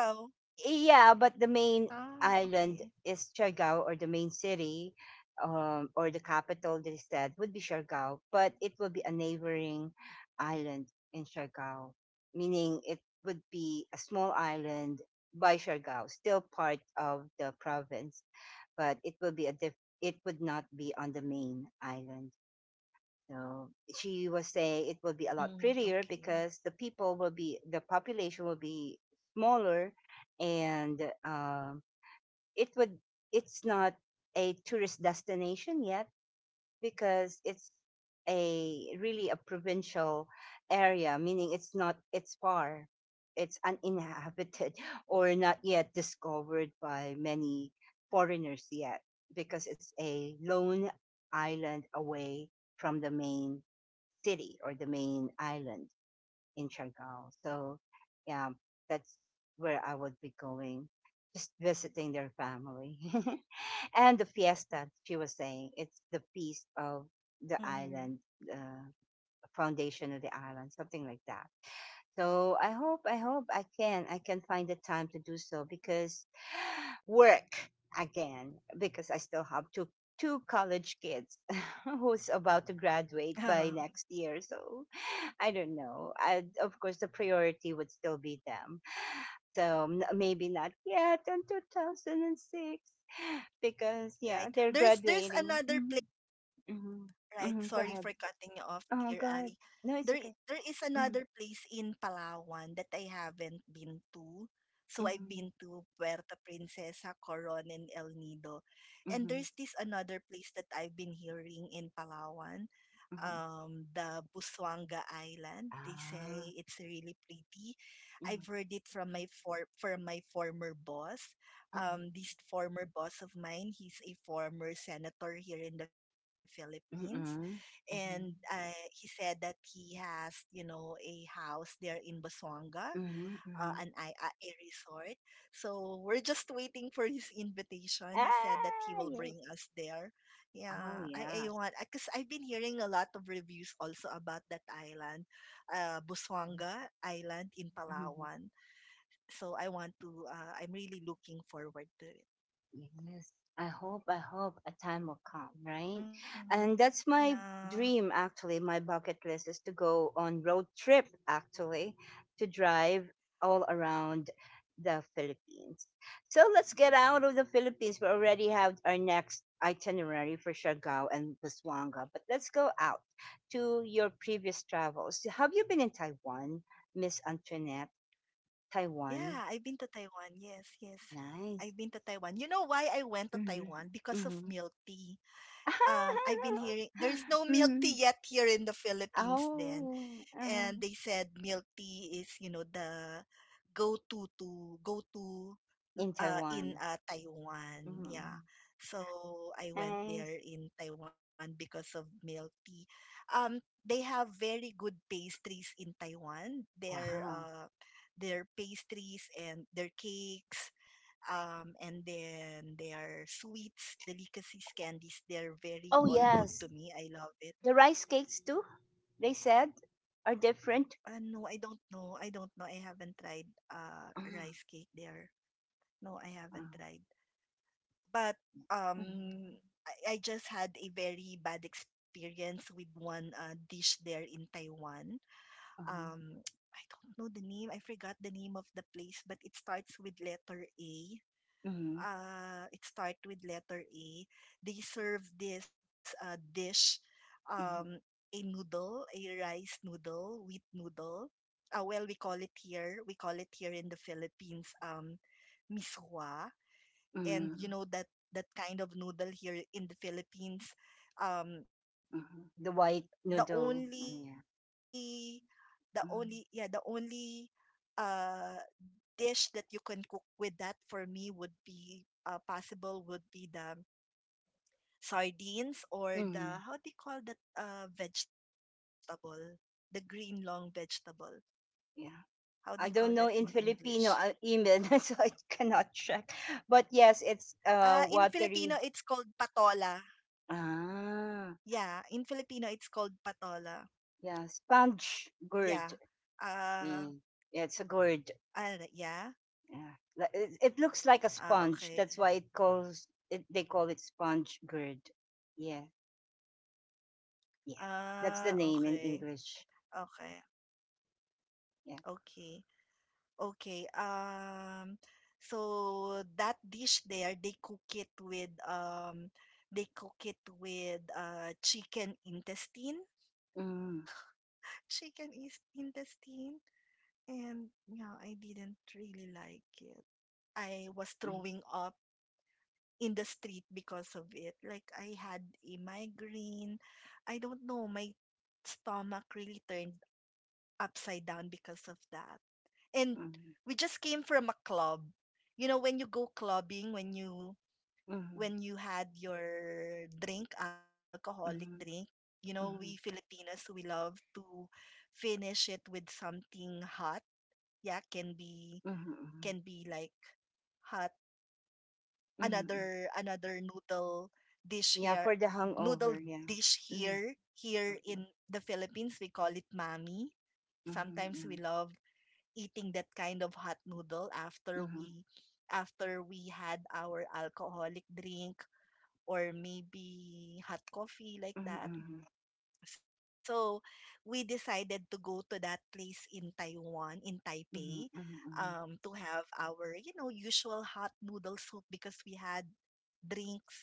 Ah, okay. Yeah, but the main island is Siargao or the main city or the capital, they said, would be Siargao, but it will be a neighboring island in Siargao, meaning it would be a small island by Siargao, still part of the province but it will be a it would not be on the main island. So she was Mm, saying it okay. will be a lot prettier because the population will be smaller, and um, it would it's not a tourist destination yet because it's a really a provincial area, meaning it's not it's far, it's uninhabited or not yet discovered by many foreigners yet, because it's a lone island away from the main city or the main island in Siargao. So yeah, that's where I would be going, just visiting their family. And the fiesta she was saying it's the feast of the Mm-hmm. island uh, foundation of the island something like that. So I hope I can find the time to do so because work again because I still have two college kids who's about to graduate by next year so I don't know. Of course the priority would still be them so maybe not yet in 2006 because, Right. yeah, they're There's graduating. another place. Mhm, mhm, Right. mhm, go Sorry for ahead. cutting you off, dear Oh, go Ali. ahead. No, it's okay. There is Mhm, another place in Palawan that I haven't been to. So I've mhm, been to Puerto Princesa, Coron, and El Nido. And mhm, there's this another place that I've been hearing in Palawan, mhm. The Busuanga Island. They Ah. say it's really pretty. Mhm, I've heard it from my for from my former boss. mhm, This former boss of mine, he's a former senator here in the Philippines, mhm, mhm, and he said that he has, you know, a house there in Basuanga, mhm, mhm. A resort. So we're just waiting for his invitation. He said that he Ah, will yes. bring us there. Oh, Yeah, I yes. want, because I've been hearing a lot of reviews also about that island, Mm-hmm. Busuanga Island in Mm-hmm. Palawan. So I want to. I'm really looking forward to it. Yes. I hope a time will come, right? Hmm. And that's my Yeah. dream, actually. My bucket list is to go on road trip, actually, to drive all around the Philippines. So let's get out of the Philippines. We already have our next itinerary for Siargao and Busuanga, but let's go out to your previous travels. Have you been in Taiwan, Miss Antoinette? Yeah, Taiwan, I've been to Taiwan. Yes, yes. nice. I've been to Taiwan. You know why I went to Mm-hmm. Taiwan? Because of Mm-hmm. milk tea. I've been hearing there's no milk tea Mm. yet here in the Philippines then, Oh, uh, and they said milk tea is, you know, the go-to in in Taiwan. Taiwan. Yeah. Mm. So I went Nice. there in Taiwan because of milk tea. Um, they have very good pastries in Taiwan. Wow. Their pastries and their cakes, and then their sweets, delicacies, candies. They're very Oh, all good to yes. me. I love it. The rice cakes, too, they said, are different. No, I don't know. I don't know. I haven't tried Mm, rice cake there. No, I haven't tried. But mm, mm, um I just had a very bad experience with one dish there in Taiwan. Um I don't know the name. I forgot the name of the place, but it starts with letter A, mm, uh, it start with letter A. They serve this dish, um, mm, a noodle, a rice noodle, wheat noodle. Well, we call it here in the Philippines, miswa. And mm, you know that that kind of noodle here in the Philippines, um, mm. The white the noodle. only, Yeah. the only, yeah, the Mm, only uh, dish that you can cook with that, for me would be the sardines, or the, how do you mm, call that vegetable? The green long vegetable. How do you call that Yeah. in I English? don't know in Filipino even, so I cannot check. But yes, In it's Filipino, it's called watery. patola. Yeah, in Ah. Filipino, it's called patola. Yeah, Yeah. sponge gourd. Uh, Yeah, yeah it's a ah, gourd. yeah. Yeah, it looks Ah, like a okay. sponge. That's why it calls it. They call it sponge gourd. Yeah, yeah. Ah, That's the name okay. in English. Okay. Yeah. Okay. Okay, so that dish there, they cook it with chicken intestine, Mm-hmm, chicken is intestine, and yeah, I didn't really like it. I was mm-hmm, throwing up in the street because of it. Like I had a migraine. I don't know, my stomach really turned upside down because of that. And we just came from a club. You know, when you go clubbing, mm-hmm, when you had your drink, alcoholic drink, mm-hmm, you know, we mm-hmm, Filipinos, we love to finish it with something hot. Yeah, can mm-hmm, be like hot mm-hmm. another dish Yeah, here for the noodle hangover. Yeah. dish Mm-hmm, here here in the Philippines we call it mami. mm-hmm, Sometimes mm-hmm, we love eating that kind of hot noodle after we had our alcoholic drink or maybe hot coffee like mm-hmm, that. mm-hmm, So we decided to go to that place in Taiwan, in Taipei, mm-hmm, mm-hmm. to have our, you know, usual hot noodle soup because we had drinks,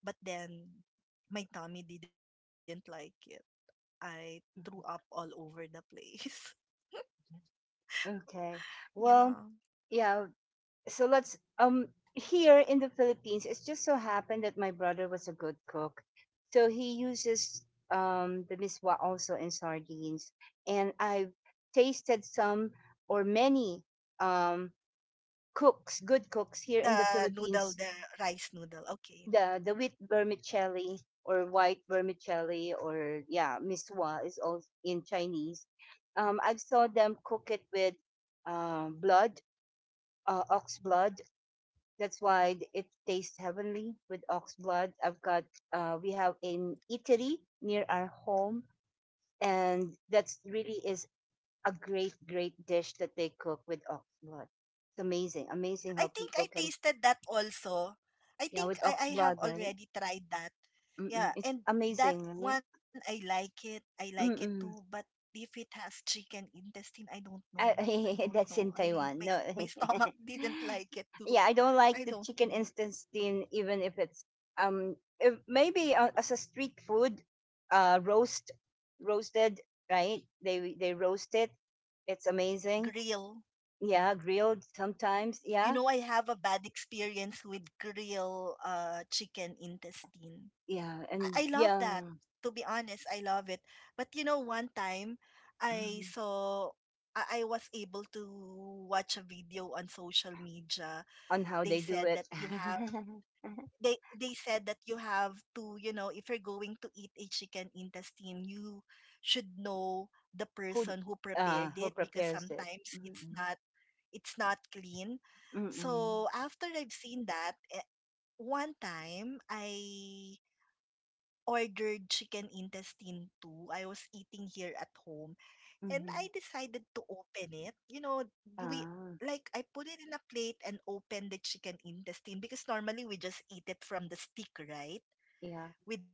but then my tummy didn't like it. I threw up all over the place. Okay. Yeah. Well, yeah, so let's here in the Philippines, it's just so happened that my brother was a good cook. So he uses the miswa also in sardines and I've tasted some or many um cooks, good cooks here The in the noodle, the Philippines, rice noodle. Okay. the wheat vermicelli or white vermicelli or yeah, miswa is all in Chinese. I saw them cook it with blood, ox blood, it tastes heavenly with ox blood. I've got we have an eatery near our home, and that's really is a great dish that they cook with ox blood. It's amazing, amazing I how think people I can tasted that also. I yeah think with I ox have blood, right? already tried that. Yeah, Mm-mm. It's and that amazing, right? one I like it. I like it too, but Mm-mm. if it has chicken intestine, I don't know. I Uh, don't know. that's in my Taiwan. my No. stomach didn't like it too. yeah, I don't I like the don't chicken know. instant steam, even if it's if maybe as a street food, uh, roast roasted right? They roast it. It's amazing. Grill. Yeah, grilled sometimes. You know, Yeah, I have a bad experience with grill chicken intestine. yeah, I, and I love yeah, that. To be honest, I love it. But you know, one time I mhm, saw I was able to watch a video on social media. on how They they do said that it. you have they said that you have to, you know, if you're going to eat a chicken intestine, you should know the who person who prepared who it because prepares it? sometimes Mm-mm. It's not clean. Mm-mm. So after I've seen that, one time I ordered chicken intestine too. I was eating here at home and I Mm-hmm. decided to open it. You know, we Ah, like I put it in a plate and open the chicken intestine because normally we just eat it from the stick, right? yeah.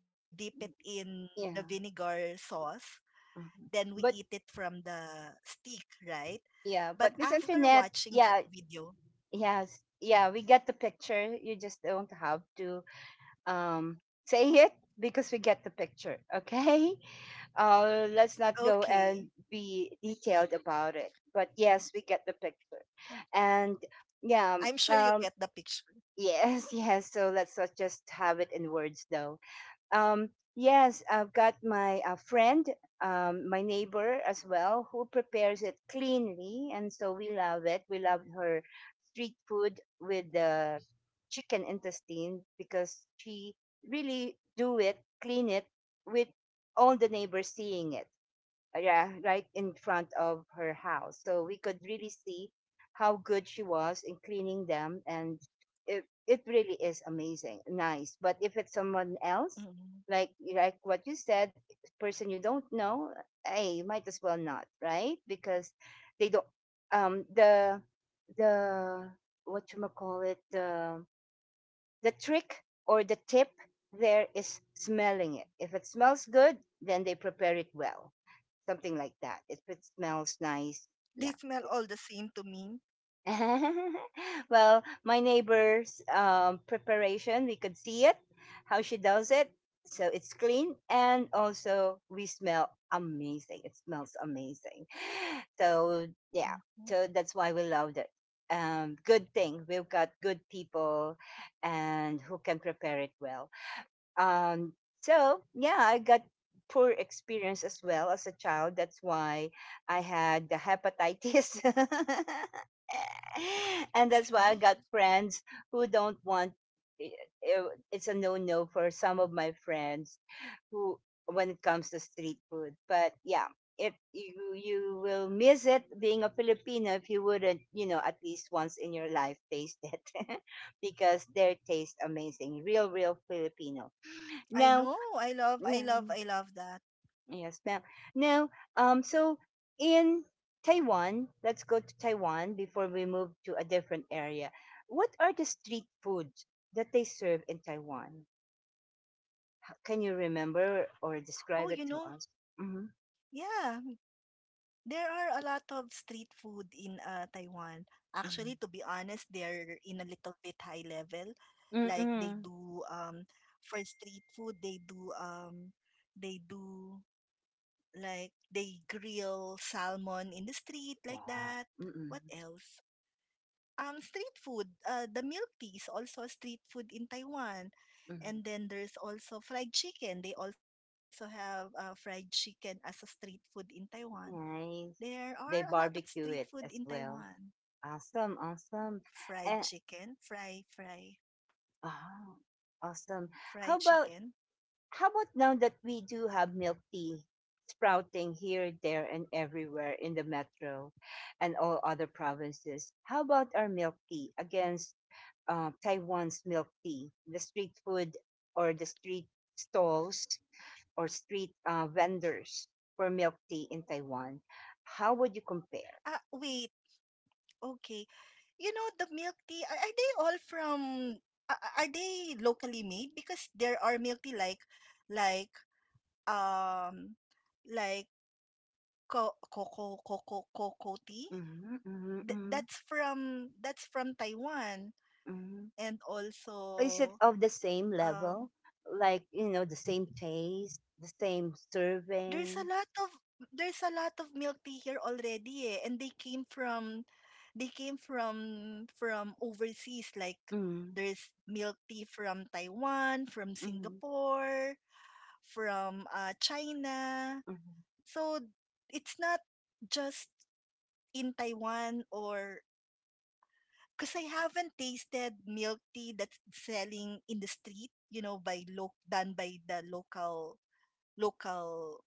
We dip mm, it in the Yeah. vinegar sauce, Mhm. then we But eat it from the stick, right? yeah, but But this after internet, watching yeah, that video, yes, yeah, we get the picture. You just don't have to say it because we get the picture. Okay, let's not go and okay, be detailed about it. But yes, we get the picture, and yeah, I'm sure um, you get the picture. yes, yes. So let's not just have it in words though. Um, yes, I've got my friend, my neighbor as well, who prepares it cleanly, and so we love it. We love her street food with the chicken intestine because she really do it, clean it with all the neighbors seeing it yeah, right in front of her house. So we could really see how good she was in cleaning them, and it really is amazing, nice. But if it's someone else, like Mm. like what you said, person you don't know, hey, you might as well not, right? Because they don't um the the what you call it the trick or the tip there is smelling it. If it smells good, then they prepare it well something like that. If it smells nice, yeah. They smell all the same to me. well, my neighbor's preparation, we could see it, how she does it. So it's clean, and also we smell amazing. It smells amazing. So yeah, so that's why we Mhm. loved it. Good thing we've got good people, and who can prepare it well. Um, so yeah, I got poor experience as well as a child. That's why I had the hepatitis. and that's why I got friends See? who don't want i- it's a no-no for some of my friends who when it comes to street food. But yeah, if you will miss it being a Filipino if you wouldn't, you know, at least once in your life taste it because their taste amazing. Real, real Filipino now, I know. yeah, I love yes, that. ma'am. Now, so in Taiwan, let's go to Taiwan before we move to a different area. What are the street foods that they serve in Taiwan? Can you remember or describe it to Oh, us? you know, Mm-hmm. yeah, there are a lot of street food in Taiwan. Mm-hmm. Actually, to be honest, they're in a little bit high level. Like they Mm-mm. do for street food, they do like they grill salmon in the street like Wow. that. Mm-mm. What else? Street food. The milk tea is also a street food in Taiwan. Mm-mm. And then there's also fried chicken. They also have fried chicken as a street food in Taiwan. There Nice. are a lot of They street barbecue food in it as Taiwan. well. Awesome, awesome. Fried And, chicken, fry, fry, oh, awesome. fried How about chicken. How about now that we do have milk tea sprouting here, there, and everywhere in the metro and all other provinces? How about our milk tea against Taiwan's milk tea, the street food or the street stalls or street vendors for milk tea in Taiwan? How would you compare? Ah, wait. Okay. You know the milk tea, are they all from a- are they locally made? Because there are milk tea like um like Co coco coco coco tea? Mm-hmm, mm-hmm, mm-hmm, That's from Taiwan. mm-hmm. And Is it also of the same level? um Like, you know, the same taste, the same there's a lot serving? of there's a lot of milk tea here already eh, and they came from overseas like there's milk tea from Taiwan, from Mhm, Singapore, from China. mhm, So it's not just in Taiwan or because I haven't tasted milk tea that's selling in the street, you know, done by the local local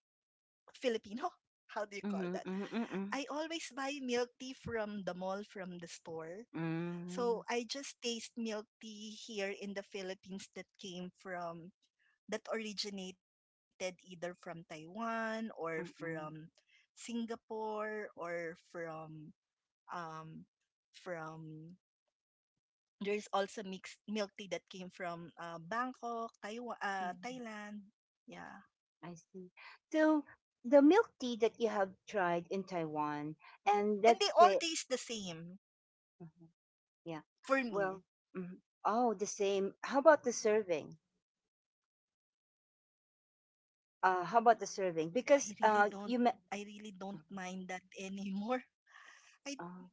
Filipino. How do you call mhm, that? mhm, I always buy milk tea from the mall, from the store. mm, So I just taste milk tea here in the Philippines that came from that originated either from Taiwan or mm, from mm, Singapore or from um from there is also mixed milk tea that came from Bangkok, Taiwan, mm. Thailand. Yeah. I see. So the milk tea that you have tried in Taiwan, and And that's they the all taste the same Mhm, yeah. for Well, me. mhm, oh, the same. How about the serving? How about the serving? I really Because don't I you met. really don't mind that anymore. I Uh,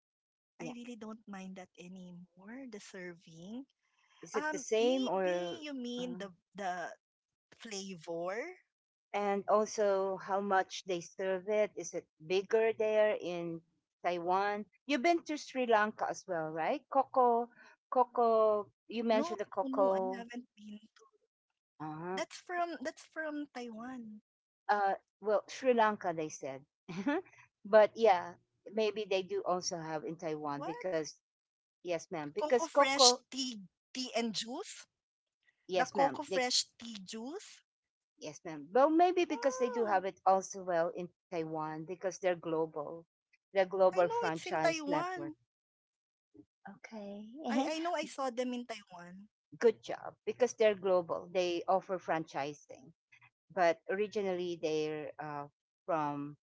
I really don't yeah. mind that anymore, the serving. Is it the same Maybe you or? mean uh, the flavor? and also how much they serve it. Is it bigger there in Taiwan? You've been to Sri Lanka as well, right? Coco, Coco. You No, mentioned the no, no, I Coco. haven't been to. Uh-huh. That's from Taiwan. Uh, well, Sri Lanka, they said, but yeah, maybe they do also have in Taiwan What? because yes, ma'am. Because Coco Coco, Fresh tea and juice? yes, The ma'am. Coco They Fresh tea juice? yes, ma'am. Well, maybe because they do have Oh, it also well in Taiwan because they're global I know it's in franchise network. Taiwan. Okay. I know I saw them in Taiwan. Good job because they're global. They offer franchising, but originally they're from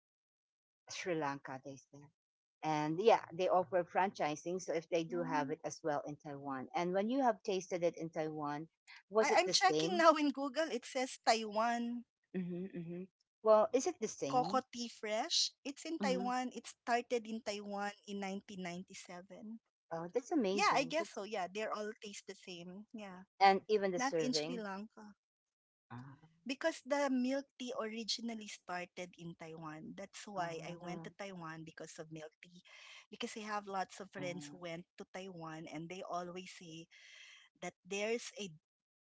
Sri Lanka, they said. And yeah, they offer franchising. So if they do Mm. have it as well in Taiwan. And when you have tasted it in Taiwan, I, was I'm it the checking now same? in Google. It says Taiwan. Hmm hmm Well, is it the Coco same? Tea Fresh. It's in Hmm Taiwan. It started in Taiwan in 1997. Oh, that's Yeah, I amazing. guess That's, so. Yeah, they're all taste the same. Yeah. and even the Not in Sri serving. Lanka. Uh, Because the milk tea originally started in Taiwan. That's why I went to uh, Taiwan because of milk tea. Because I have lots of uh, friends who uh, went to Taiwan and they always say that there's a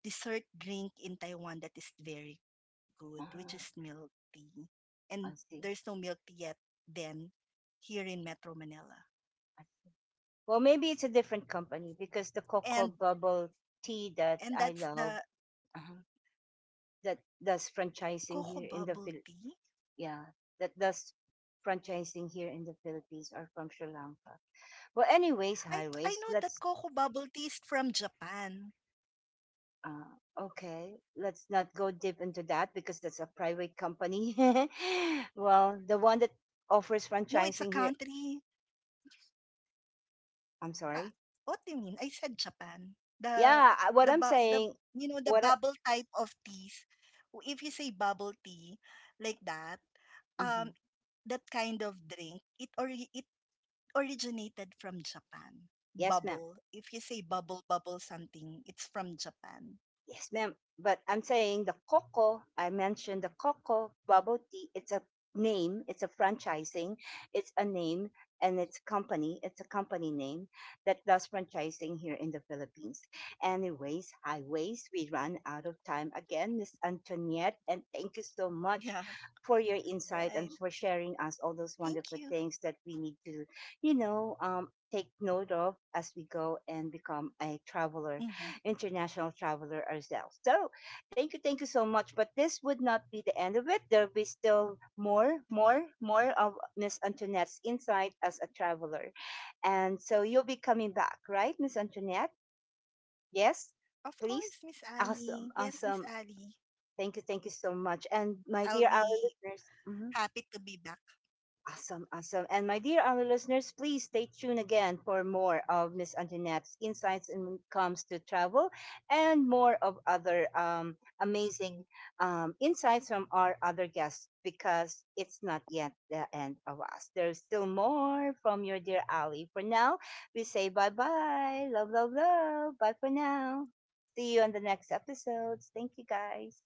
dessert drink in Taiwan that is very good, which is milk tea. And there's no I milk see. tea yet then here in Metro Manila. I see. Well, maybe it's a different company because the And Cocoa Bubble Tea and that that's I the love, uh-huh, that does cocoa franchising bubble here in tea. the yeah, that does franchising here in the Philippines are from Sri Lanka. Well, I I anyways, know that highways. cocoa Let's bubble tea is from Japan. Okay. Let's not go deep into that because that's a private company. well, the one that offers No, it's a franchising here. country. I'm Ah, sorry. what do you mean? I said Japan. The Yeah, what the I'm bu- the saying. you know the What? I, bubble type of teas. If you say bubble tea like that, um, Mhm. that kind of drink, it originated from Japan. Yes, ma'am. Bubble. If you say bubble something, it's from Japan. Yes, ma'am. But I'm saying the Coco, I mentioned the Coco bubble tea. It's a name, it's a franchising, it's a name, and it's company, it's a company name that does franchising here in the Philippines. Anyways, highways, we run out of time again, Miss Antoniette, and Yeah, thank you so much for right. your insight and for sharing Thank us all you. those wonderful things that we need to, you know, take note of as we go and become a Hmm. traveler international traveler ourselves. So thank you so much. But this would not be the end of it. There'll be still more, more, more of Miss Antoinette's insight as a traveler. And so you'll be coming back, right, Miss Antoinette? Yes, Of course, please. Miss Ali. Awesome, Yes, Miss awesome. Ali. Thank you so much. I'll And my be dear our listeners, happy to mhm. be back Awesome, awesome. And my dear other listeners, please stay tuned again for more of Miss Antoinette's insights when it comes to travel and more of other amazing insights from our other guests because it's not yet the end of us. There's still more from your dear Ali. For now, we say bye bye. Love, love, love. Bye for now. See you on the next episodes. Thank you guys.